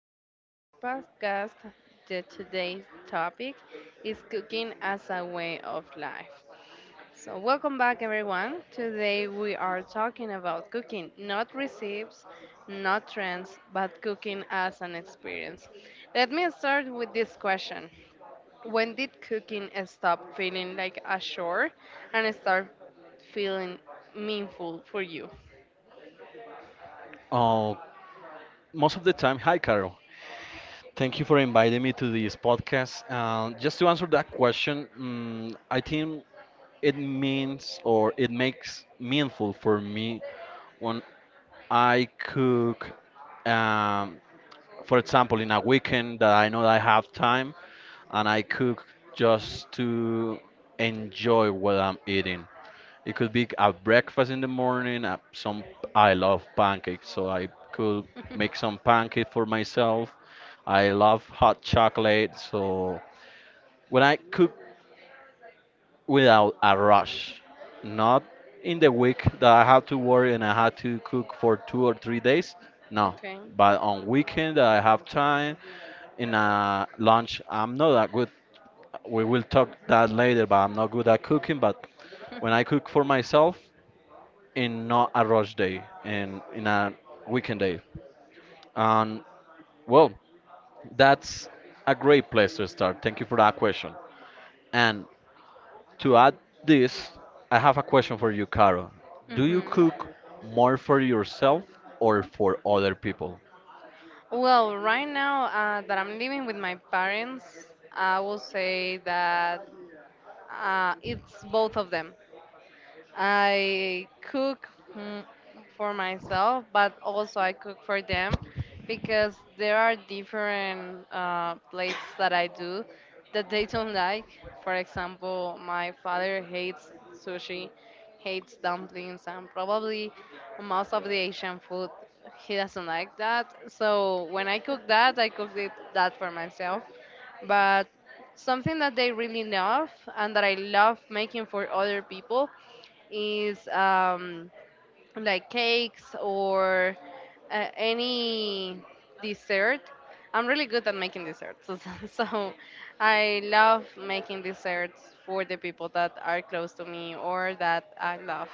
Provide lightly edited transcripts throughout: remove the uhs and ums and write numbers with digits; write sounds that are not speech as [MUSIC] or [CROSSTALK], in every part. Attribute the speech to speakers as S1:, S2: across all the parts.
S1: to our podcast. The today's topic is cooking as a way of life. So, welcome back everyone. Today we are talking about cooking, not recipes, not trends, but cooking as an experience. Let me start with this question. When did cooking stop feeling like a chore and start feeling meaningful for you?
S2: Oh, most of the time. Hi, Carol. Thank you for inviting me to this podcast. Just to answer that question, I think it means or it makes meaningful for me when I cook, um, for example, in a weekend that I know I have time, and I cook just to enjoy what I'm eating. It could be a breakfast in the morning. Some I love pancakes, so I could make some
S1: [LAUGHS]
S2: pancake for myself. I love hot chocolate, so when I cook without a rush, not in the week that I have to work and I have to cook for 2 or 3 days. No,
S1: Okay.
S2: but on weekend that I have time in a lunch. I'm not that good. We will talk that later, but I'm not good at cooking. But when I cook for myself, in not a rush day in a weekend day. And well, that's a great place to start. Thank you for that question. And to add this, I have a question for you, Caro. Do you
S1: Hmm.
S2: cook more for yourself or for other people?
S1: Well, right now that I'm living with my parents, I will say that it's both of them. I cook, mm, for myself, but also I cook for them because there are different plates that I do that they don't like. For example, my father hates sushi, hates dumplings, and probably most of the Asian food. He doesn't like that. So when I cook that, I cook that for myself. But something that they really love and that I love making for other people is, like cakes or any dessert. I'm really good at making desserts, [LAUGHS] so I love making desserts for the people that are close to me or that I love,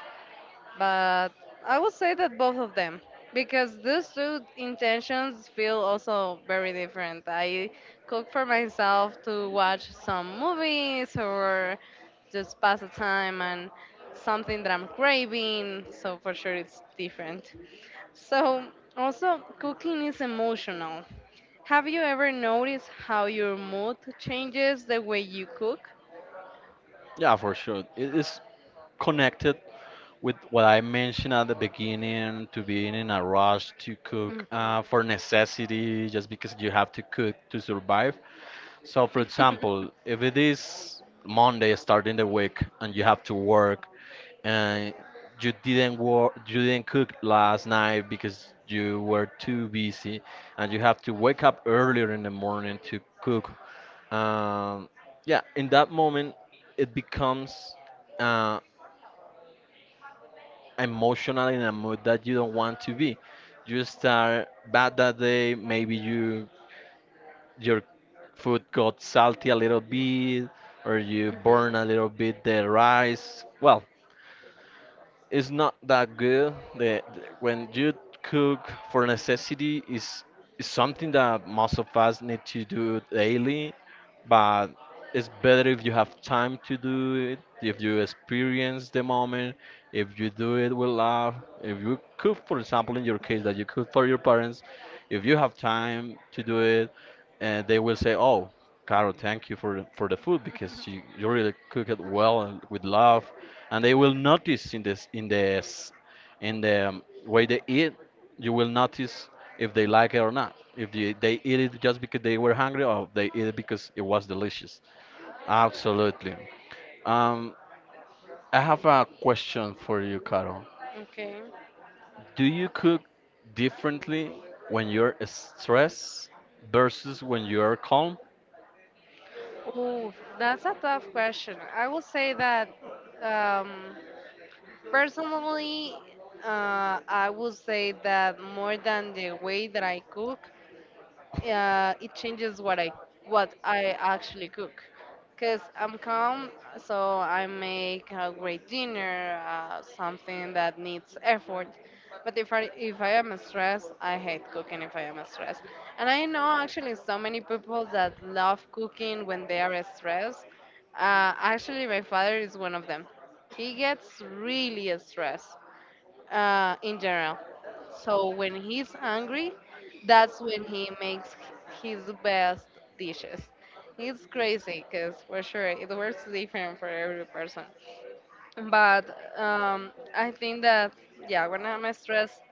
S1: but I would say that both of them, because these two intentions feel also very different. I cook for myself to watch some movies or just pass the time and something that I'm craving, so for sure it's different. So also cooking is emotional. Have you ever noticed how your mood changes the way you cook?
S2: Yeah, for sure. It is connected with what I mentioned at the beginning to being in a rush to
S1: Mhm.
S2: cook for necessity, just because you have to cook to survive. So, for
S1: [LAUGHS]
S2: example, if it is Monday starting the week and you have to work and you didn't work, you didn't cook last night because you were too busy, and you have to wake up earlier in the morning to cook. Um, yeah, in that moment, it becomes uh, emotional in a mood that you don't want to be. You start bad that day. Maybe you your food got salty a little bit or you
S1: Mhm.
S2: burn a little bit the rice. Well, it's not that good. When you cook for necessity is something that most of us need to do daily, but it's better if you have time to do it, if you experience the moment, if you do it with love, if you cook, for example, in your case that you cook for your parents, if you have time to do it, and they will say, "Oh, Caro, thank you for the food because you really cook it well and with love," and they will notice in this in the way they eat. You will notice if they like it or not, if they eat it just because they were hungry or they eat it because it was delicious. Absolutely. Um, i have a question for you, Carol.
S1: Okay.
S2: Do you cook differently when you're stressed versus when you're calm?
S1: Oh, that's a tough question. I will say that, um, personally, I will say that more than the way that I cook, it changes what I actually cook. Cause I'm calm, so I make a great dinner, something that needs effort. But if I am stressed, I hate cooking if I am stressed. And I know actually so many people that love cooking when they are stressed. Actually, my father is one of them. He gets really stressed in general. So when he's angry, that's when he makes his best dishes. It's crazy because for sure it works different for every person. But I think that yeah, when I'm stressed,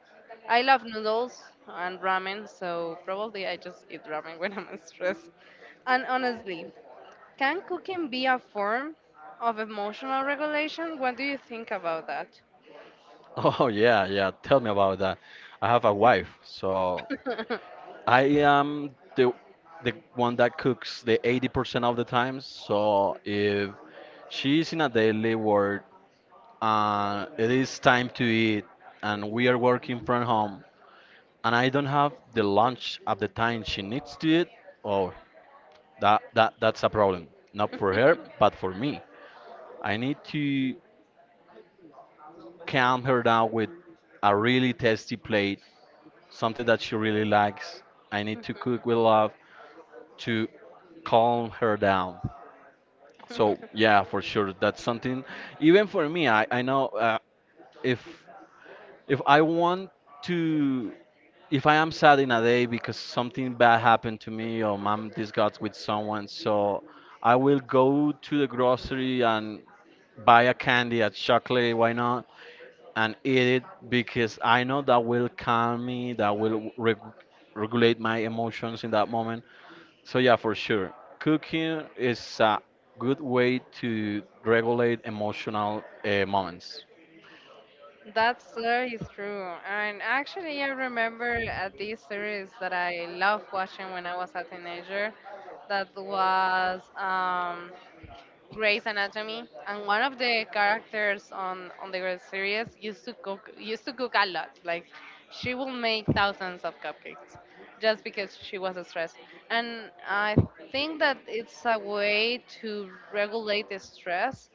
S1: I love noodles and ramen, so probably I just eat ramen [LAUGHS] when I'm stressed. And honestly, can cooking be a form of emotional regulation? What do you think about that?
S2: [LAUGHS] Oh, yeah, yeah, tell me about that. I have a wife, so I am the the one that cooks the 80% of the time. So if she's in a daily work and it is time to eat and we are working from home and I don't have the lunch at the time she needs to eat, oh, that's a problem. Not for her,
S1: [LAUGHS]
S2: but for me. I need to calm her down with a really tasty plate, something that she really likes. I need to cook with love to calm her down. So yeah, for sure, that's something. Even for me, I know, if if I want to, if I am sad in a day because something bad happened to me or I'm disgusted with someone, so I will go to the grocery and buy a candy, a chocolate, why not, and eat it because I know that will calm me, that will regulate my emotions in that moment. So yeah, for sure. Cooking is a good way to regulate emotional moments.
S1: That story is true. And actually, I remember this series that I loved watching when I was a teenager. That was, Grey's Anatomy, and one of the characters on the Grey's series used to cook a lot. Like she will make thousands of cupcakes just because she was stressed. And I think that it's a way to regulate the stress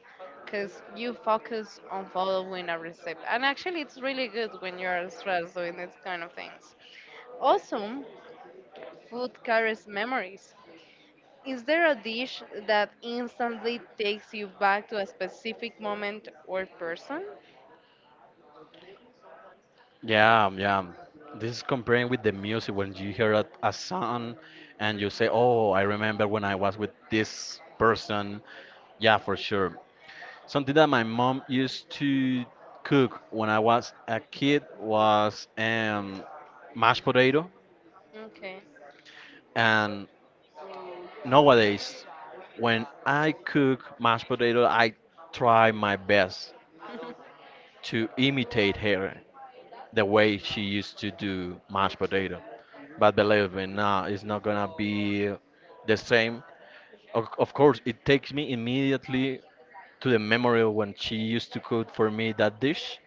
S1: because you focus on following a recipe. And actually, it's really good when you're stressed doing these kind of things. Also, food carries memories. Is there a dish that instantly takes you back to a specific moment or person?
S2: Yeah, yeah. This is comparing with the music when you hear a song and you
S1: Mhm.
S2: say, "Oh, I remember when I was with this person." Yeah, for sure. Something that my mom used to cook when I was a kid was mashed potato,
S1: Okay.
S2: and nowadays when I cook mashed potato, I try my best
S1: [LAUGHS]
S2: to imitate her, the way she used to do mashed potato. But believe me, nah, it's not gonna be the same. Of course, it takes me immediately to the memory of when she used to cook for me that dish,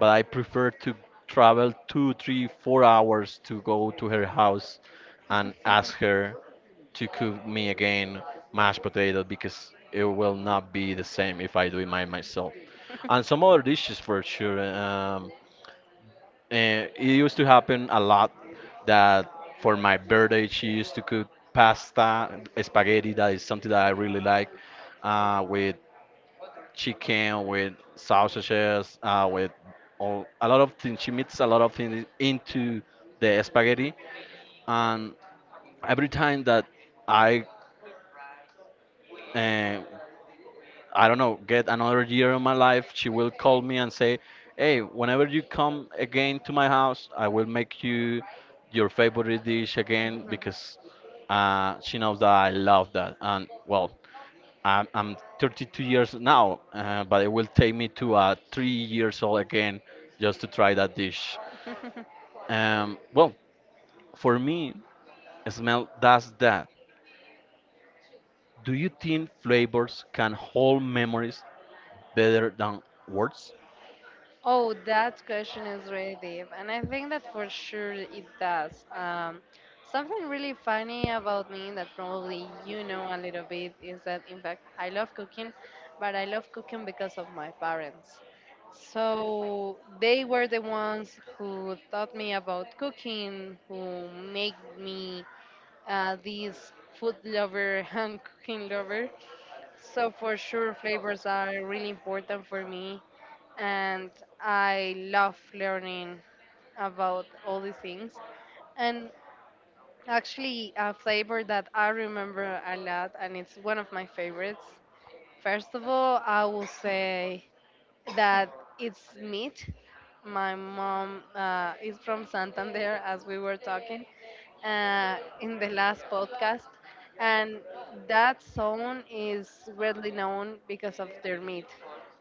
S2: but I prefer to travel two, three, 4 hours to go to her house and ask her to cook me again mashed potato because it will not be the same if I do it myself. And some other dishes for sure. And it used to happen a lot that for my birthday she used to cook pasta, spaghetti. That is something that I really like, with chicken, with sausages, with all, a lot of things. She mixes a lot of things into the spaghetti, and every time that I, uh, I don't know, get another year of my life, she will call me and say, "Hey, whenever you come again to my house, I will make you your favorite dish again because." She knows that I love that, and well, I'm 32 years now, but it will take me to 3 years old again just to try that dish.
S1: Oh. [LAUGHS] [LAUGHS]
S2: Well, for me, smell does that. Do you think flavors can hold memories better than words?
S1: Oh, that question is really deep, and I think that for sure it does. Something really funny about me that probably you know a little bit is that, in fact, I love cooking, but I love cooking because of my parents. So they were the ones who taught me about cooking, who made me this food lover [LAUGHS] and cooking lover. So for sure, flavors are really important for me, and I love learning about all these things. And actually, a flavor that I remember a lot, and it's one of my favorites. First of all, I will say that it's meat. My mom is from Santander, as we were talking in the last podcast, and that zone is widely known because of their meat.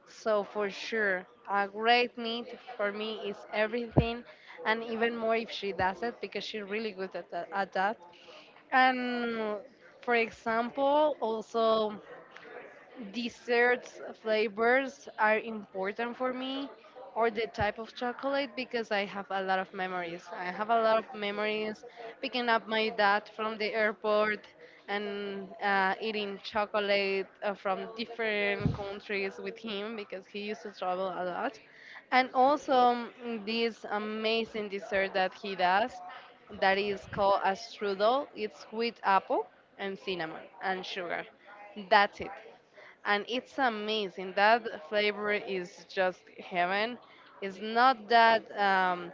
S1: So for sure, a great meat for me is everything, and even more if she does it because she's really good at that. At that. And for example, also desserts flavors are important for me, or the type of chocolate because I have a lot of memories. I have a lot of memories picking up my dad from the airport and eating chocolate from different countries with him because he used to travel a lot. And also, this amazing dessert that he does that is called a strudel. It's with apple and cinnamon and sugar. That's it and it's amazing. That flavor is just heaven. It's not that,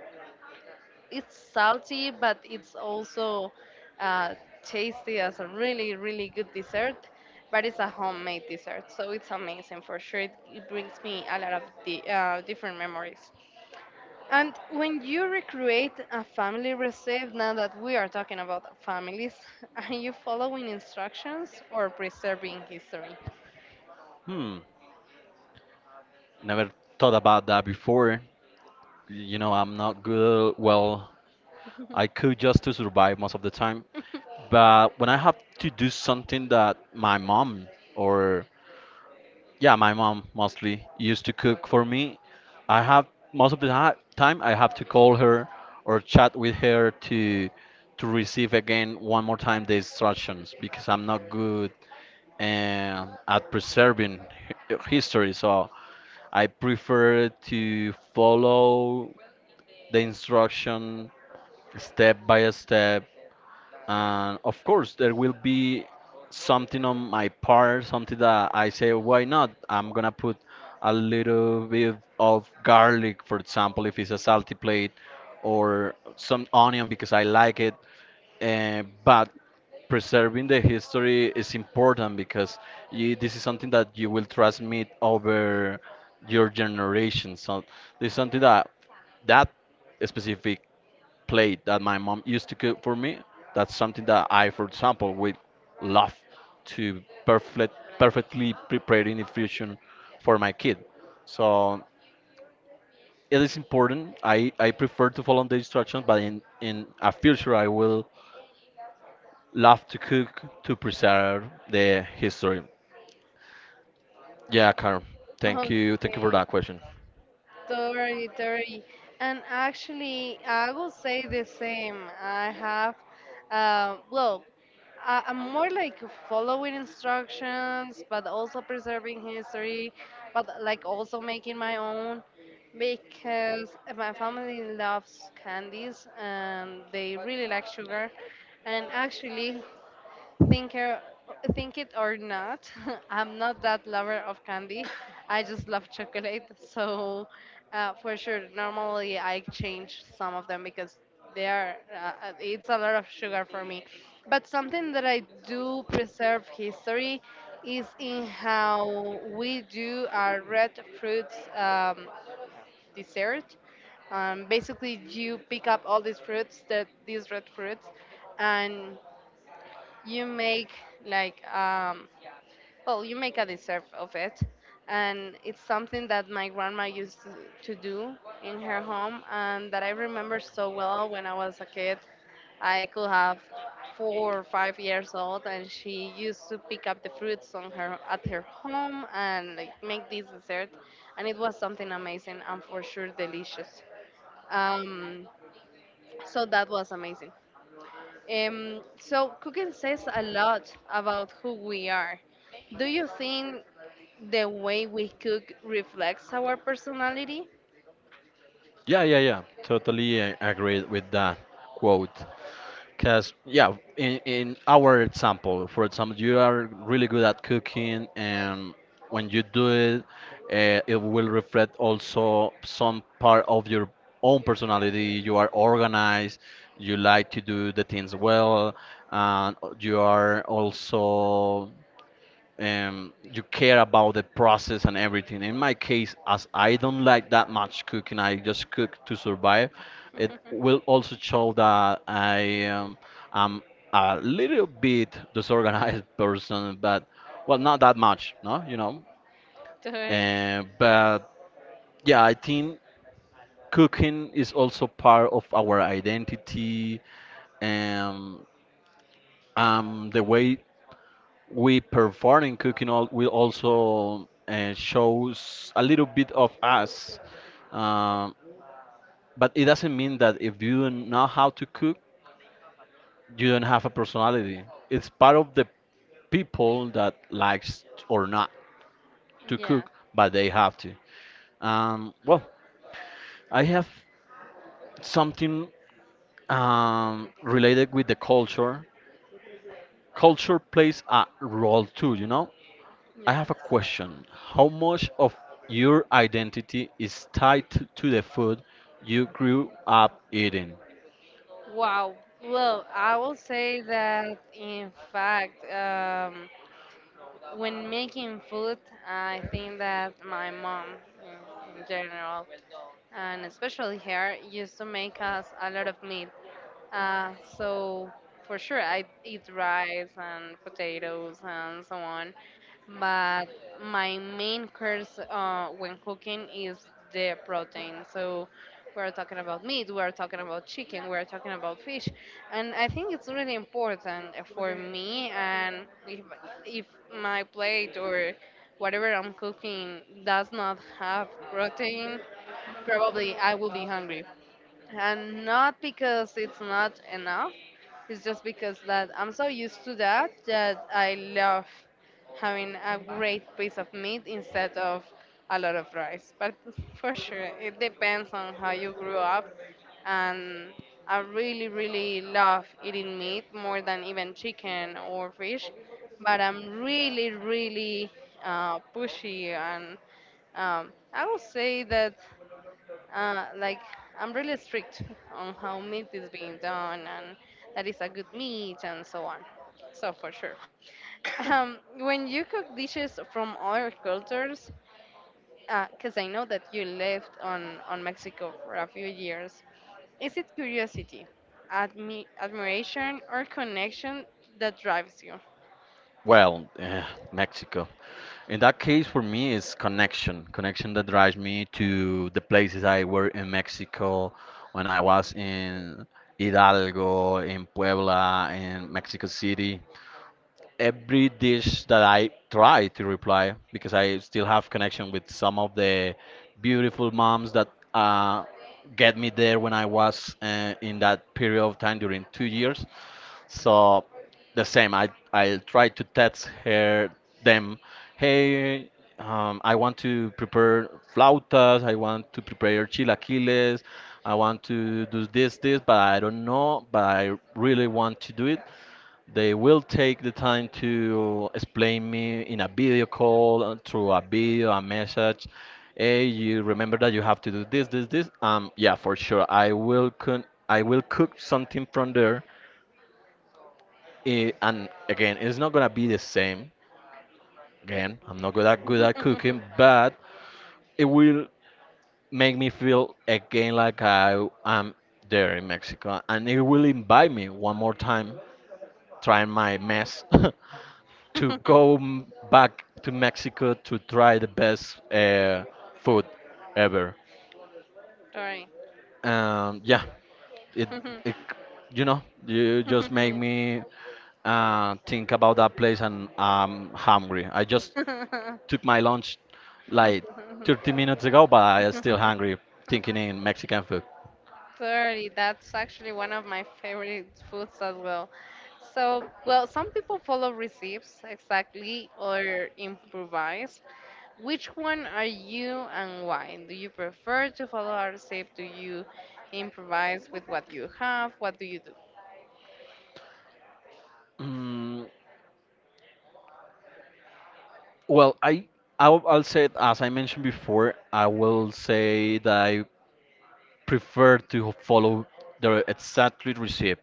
S1: it's salty, but it's also uh, tasty as a really, really good dessert. But it's a homemade dessert, so it's amazing for sure. It brings me a lot of different memories. And when you recreate a family recipe, now that we are talking about families, [LAUGHS] are you following instructions or preserving history?
S2: Hmm, never thought about that before. You know, I'm not good. Well, I cook just to survive most of the time.
S1: [LAUGHS]
S2: But when I have to do something that my mom or yeah, my mom mostly used to cook for me. I have most of the time I have to call her or chat with her to receive again one more time the instructions because I'm not good at preserving history. So I prefer to follow the instruction step by step, and of course, there will be something on my part, something that I say, why not? I'm gonna put a little bit of garlic, for example, if it's a salty plate, or some onion because I like it. But preserving the history is important because you, this is something that you will transmit over your generation. So this is something that specific plate that my mom used to cook for me. That's something that I, for example, would love to perfect, perfectly prepare in the future for my kid. So it is important. I prefer to follow the instructions, but in a future, I will love to cook to preserve the history. Yeah, Carl, thank you. Thank you for
S1: Okay,
S2: that question.
S1: totally, totally. And actually, I will say the same. I have, well, I'm more like following instructions, but also preserving history, but like also making my own because my family loves candies and they really like sugar. And actually, think or, think it or not, [LAUGHS] I'm not that lover of candy. I just love chocolate. [LAUGHS] So for sure, normally I change some of them because they are it's a lot of sugar for me. But something that I do preserve history is in how we do our red fruits, dessert. Basically, you pick up all these fruits, that these red fruits, and you make like, well you make a dessert of it, and it's something that my grandma used to do in her home, and that I remember so well when I was a kid. I could have 4 or 5 years old, and she used to pick up the fruits on her at her home and like make this dessert, and it was something amazing and for sure delicious. um, so that was amazing. So cooking says a lot about who we are. Do you think the way we cook reflects our personality?
S2: Yeah, yeah, yeah. Totally agree with that quote. Because, yeah, in our example, for example, you are really good at cooking, and when you do it, it will reflect also some part of your own personality. You are organized, you like to do the things well, and you are also you care about the process and everything. In my case, as I don't like that much cooking, I just cook to survive. It will
S1: [LAUGHS]
S2: also show that I am a little bit disorganized [LAUGHS] person, but well, not that much, no, you know.
S1: Right.
S2: But yeah, I think cooking is also part of our identity, um, the way we performing cooking all will also shows a little bit of us, um, but it doesn't mean that if you don't know how to cook you don't have a personality. It's part of the people that likes or not to
S1: Yeah,
S2: cook but they have to. Well, I have something related with the culture. Culture plays a role too, you know. I have
S1: yes.
S2: a question. How much of your identity is tied to the food you grew up eating?
S1: Wow. Well, I will say that in fact, when making food, I think that my mom, in general and especially here, used to make us a lot of meat. So for sure, I eat rice and potatoes and so on. But my main curse when cooking is the protein. So we're talking about meat, we're talking about chicken, we're talking about fish, and I think it's really important for me. And if my plate or whatever I'm cooking does not have protein, probably I will be hungry. And not because it's not enough, it's just because that I'm so used to that that I love having a great piece of meat instead of a lot of rice. But for sure, it depends on how you grew up. And I really, really love eating meat more than even chicken or fish. But I'm really, really pushy and, I would say that like I'm really strict on how meat is being done, and that is a good meat and so on. So for sure. [LAUGHS] [COUGHS] When you cook dishes from other cultures, because I know that you lived on Mexico for a few years, is it curiosity, admiration, or connection that drives you?
S2: Well, eh, Mexico. In that case, for me, it's connection. Connection that drives me to the places I were in Mexico when I was in Hidalgo, in Puebla, in Mexico City. Every dish that I try to reply because I still have connection with some of the beautiful moms that uh, get me there when I was in that period of time during 2 years. So the same, I try to text her them, hey, I want to prepare flautas, I want to prepare chilaquiles, I want to do this, but I don't know, but I really want to do it. They will take the time to explain me in a video call, through a video, a message. Hey, you remember that you have to do this, this, this. Yeah, for sure. I will cook something from there. Eh, and again, it's not gonna be the same. Again, I'm not good at cooking, but it will make me feel again like I am there in Mexico, and it will invite me one more time trying my mess. [LAUGHS] Back to Mexico to try the best food ever.
S1: [LAUGHS] Sorry.
S2: Um, yeah, it, it, you just make me think about that place, and I'm hungry. I just took my lunch like 30 minutes ago, but I'm still hungry
S1: [LAUGHS] [LAUGHS]
S2: thinking in Mexican food.
S1: 30. That's actually one of my favorite foods as well. So, well, some people follow receipts exactly or improvise. Which one are you and why? Do you prefer to follow a recipe? Do you improvise with what you have? What do you do?
S2: Mm, well, I'll say it, as I mentioned before. I will say that I prefer to follow the exactly recipe.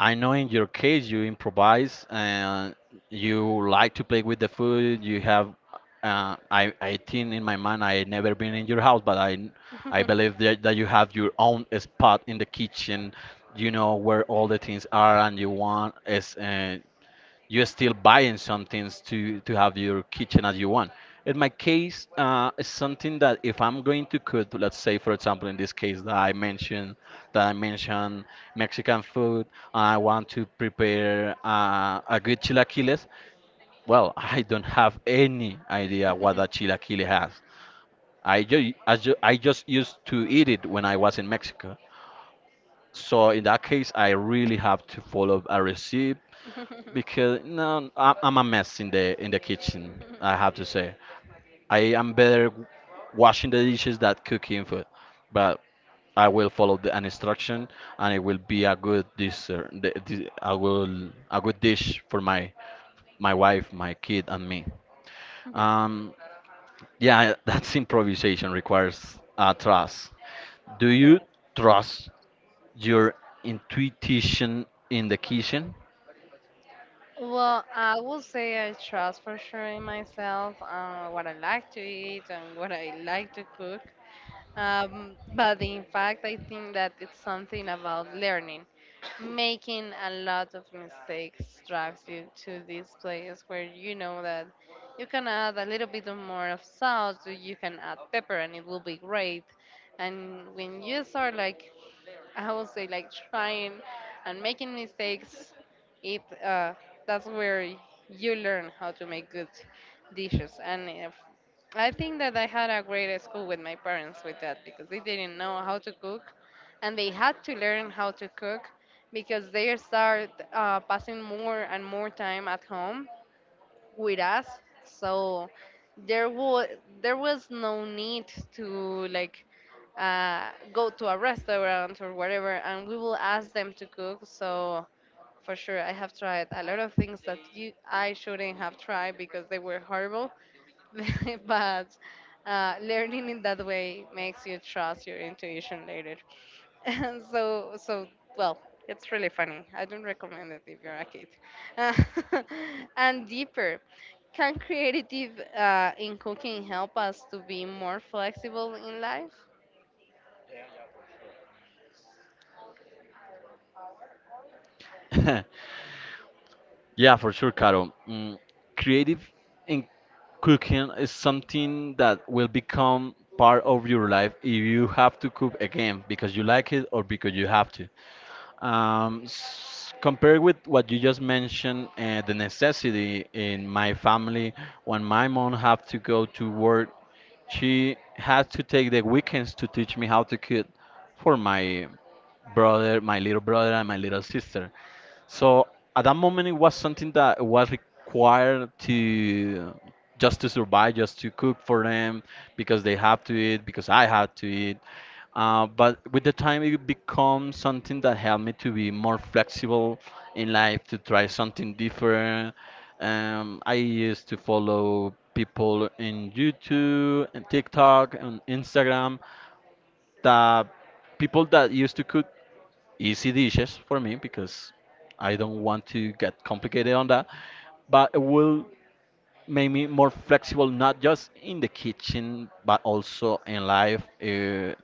S2: I know in your case you improvise and you like to play with the food. You have, I think in my mind I never been in your house, but I believe that you have your own spot in the kitchen. You know where all the things are, and you want is you're still buying some things to have your kitchen as you want. In my case, it's something that if I'm going to cook, let's say for example in this case that I mentioned that I mentioned Mexican food, I want to prepare a good chilaquiles. Well, [LAUGHS] I don't have any idea what a chilaquile has. I just used to eat it when I was in Mexico. So in that case, I really have to follow a recipe
S1: [LAUGHS] [LAUGHS]
S2: because no,
S1: [LAUGHS]
S2: I'm a mess in the kitchen. I have to say, I am better washing the dishes than cooking food, but I will follow the, an instruction, and it will be a good dessert. I will a good dish for my wife, my kid, and me. Um, yeah, [LAUGHS] that's improvisation requires trust. Do
S1: Correct.
S2: you trust your intuition in the kitchen?
S1: Well, I would say I trust for sure in myself, what I like to eat and what I like to cook. But in fact, I think that it's something about learning. Making a lot of mistakes drives you to this place where you know that you can add a little bit of more of salt, or you can add pepper, and it will be great. And when you start like, I would say like trying and making mistakes. It That's where you learn how to make good dishes. And if, I think that I had a great school with my parents with that because they didn't know how to cook, and they had to learn how to cook because they start passing more and more time at home with us. So there was there was no need to like go to a restaurant or whatever, and we will ask them to cook. So for sure I have tried a lot of things that you I shouldn't have tried because they were horrible. [LAUGHS] But learning in that way makes you trust your intuition later. [LAUGHS] And so well, it's really funny. I don't recommend it if you're a kid. Uh, [LAUGHS] and deeper, can creative in cooking help us to be more flexible in life?
S2: [LAUGHS] Yeah, for sure, Caro. Creative in cooking is something that will become part of your life if you have to cook again because you like it or because you have to. Compared with what you just mentioned, the necessity in my family, when my mom have to go to work, she had to take the weekends to teach me how to cook for my brother, my little brother, and my little sister. So at that moment, it was something that was required to just to survive, just to cook for them because they have to eat, because I had to eat. But with the time, it becomes something that helped me to be more flexible in life, to try something different. I used to follow people in YouTube and TikTok and Instagram that people that used to cook easy dishes for me because I don't want to get complicated on that. But it will make me more flexible, not just in the kitchen, but also in life.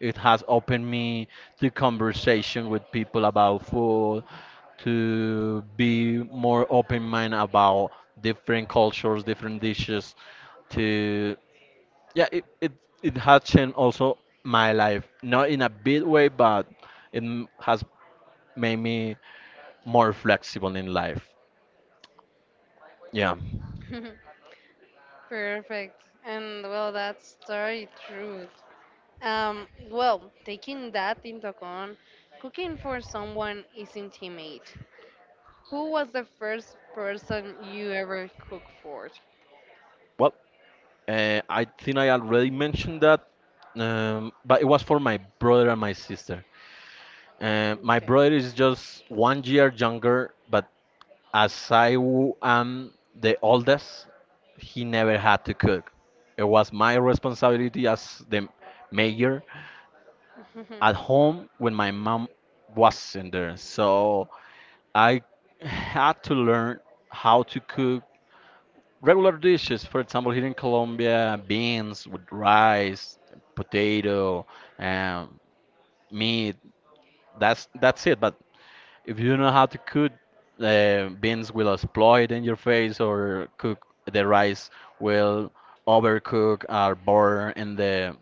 S2: It has opened me to conversation with people about food, to be more open minded about different cultures, different dishes, to yeah, it has changed also my life, not in a big way, but it has made me more flexible in life. Yeah.
S1: [LAUGHS] Perfect. And well, that's very true. Well, taking that into account, cooking for someone is intimate. Who was the first person you ever cooked for?
S2: Well, I think I already mentioned that, but it was for my brother and my sister. My brother is just 1 year younger, but as I am the oldest, he never had to cook. It was my responsibility as the mayor
S1: Mhm.
S2: at home when my mom wasn't there. So I had to learn how to cook regular dishes. For example, here in Colombia, beans with rice, potato, um, meat. That's it. But if you know how to cook, beans will explode in your face, or cook the rice will overcook or burn in the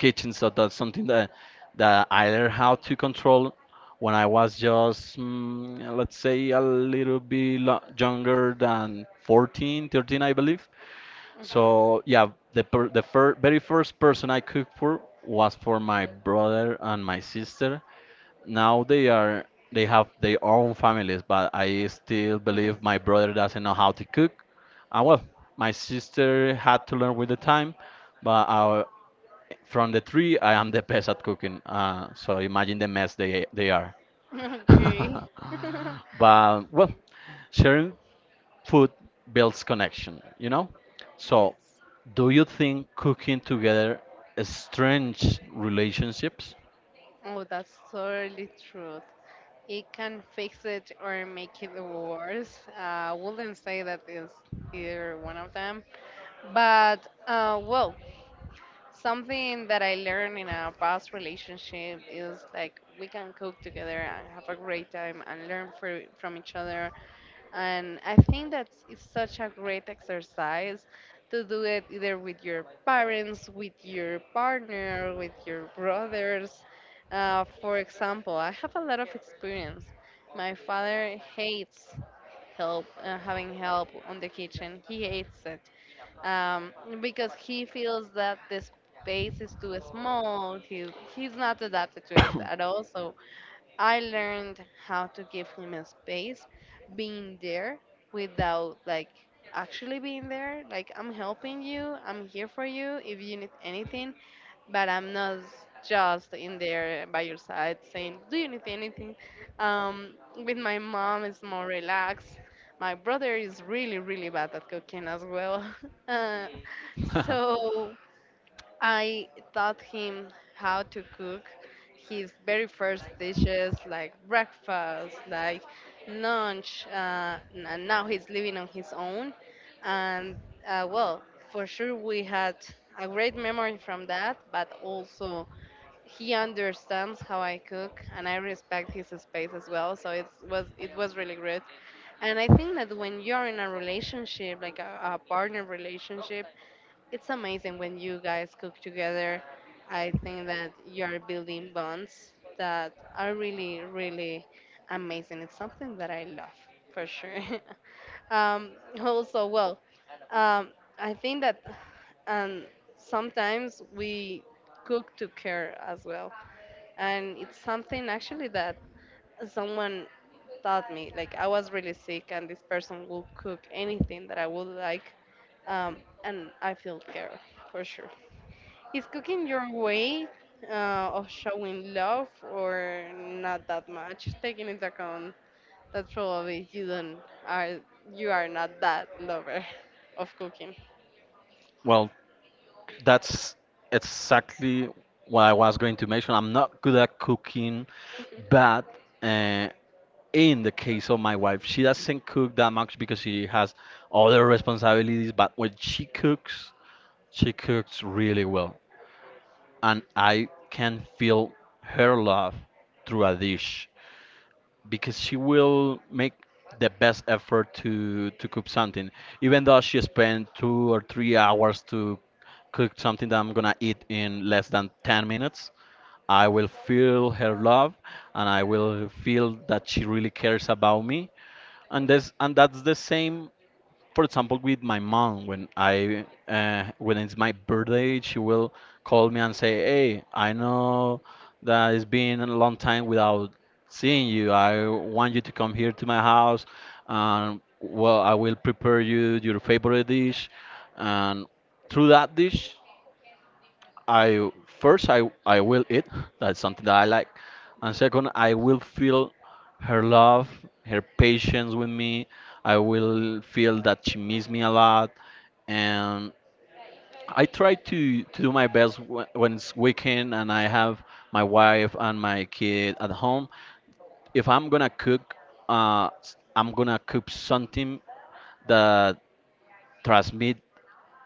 S2: kitchen. So that's something that I learned how to control when I was just let's say a little bit younger than 14, 13, I believe. So yeah, the per the fir very first person I cooked for was for my brother and my sister. Now they have their own families, but I still believe my brother doesn't know how to cook. And well, my sister had to learn with the time, but I, from the three, I am the best at cooking. So imagine the mess they are.
S1: Mhm.
S2: [LAUGHS]
S1: Okay. [LAUGHS]
S2: But well, sharing food builds connection, you know? So,
S1: Yes.
S2: do you think cooking together strengthens relationships?
S1: Oh, that's totally true. It can fix it or make it worse. I wouldn't say that is either one of them. But, well, something that I learned in a past relationship is like we can cook together and have a great time and learn from each other. And I think that it's such a great exercise to do it either with your parents, with your partner, with your brothers. For example, I have a lot of experience. My father hates having help on the kitchen. He hates it, um, because he feels that the space is too small. He's not adapted to it at all. So I learned how to give him a space, being there without like actually being there. Like I'm helping you, I'm here for you if you need anything, but I'm not just in there by your side saying, "Do you need anything?" Um, with my mom, it's more relaxed. My brother is really, really bad at cooking as well. [LAUGHS] uh,
S2: [LAUGHS]
S1: so I taught him how to cook his very first dishes, like breakfast, like lunch, and now he's living on his own. And well, for sure, we had a great memory from that, but also he understands how I cook, and I respect his space as well. So it was really good. And I think that when you're in a relationship, like a partner relationship, it's amazing when you guys cook together. I think that you're building bonds that are really, really amazing. It's something that I love for sure. [LAUGHS] um, Also, well, um, I think that, um, sometimes we cook to care as well. And it's something actually that someone taught me, like I was really sick and this person will cook anything that I would like. um, and I feel care for sure. Is cooking your way of showing love or not that much, taking into account that probably you don't are you are not that lover [LAUGHS] of cooking?
S2: Well, that's exactly what I was going to mention. I'm not good at cooking, but uh, in the case of my wife, she doesn't cook that much because she has other responsibilities, but when she cooks really well. And I can feel her love through a dish because she will make the best effort to cook something even though she spent 2 or 3 hours to cook something that I'm gonna eat in less than 10 minutes. I will feel her love, and I will feel that she really cares about me. And this and that's the same, for example, with my mom. When I when it's my birthday, she will call me and say, "Hey, I know that it's been a long time without seeing you. I want you to come here to my house, and well, I will prepare you your favorite dish." And through that dish, I first I will eat. That's something that I like. And second, I will feel her love, her patience with me. I will feel that she misses me a lot, and I try to do my best when it's weekend and I have my wife and my kid at home. If I'm gonna cook, I'm gonna cook something that transmit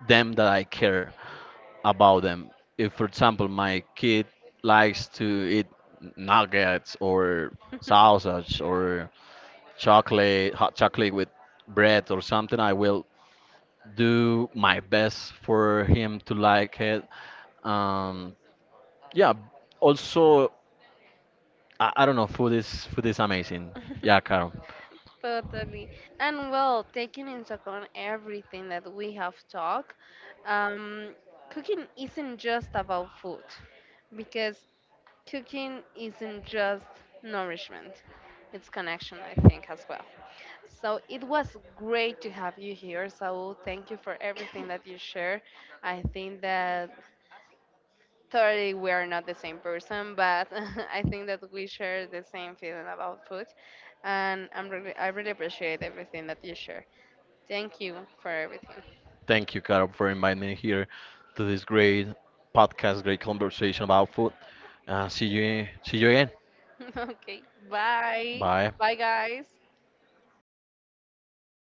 S2: them that I care about them. If, for example, my kid likes to eat nuggets or sausage or chocolate, hot chocolate with bread or something, I will do my best for him to like it. Um, yeah. Also, I don't know. Food is amazing. Yeah,
S1: [LAUGHS]
S2: Carol.
S1: Totally. And well, taking into account everything that we have talked, um, cooking isn't just about food because cooking isn't just nourishment, it's connection, I think, as well. So it was great to have you here, Saul. Thank you for everything that you share. I think that totally we are not the same person, but [LAUGHS] I think that we share the same feeling about food, and I really appreciate everything that you share. Thank you for everything.
S2: Thank you, Carol, for inviting me here to this great podcast, great conversation about food. See you. See you again.
S1: [LAUGHS] Okay, bye,
S2: Bye.
S1: bye guys.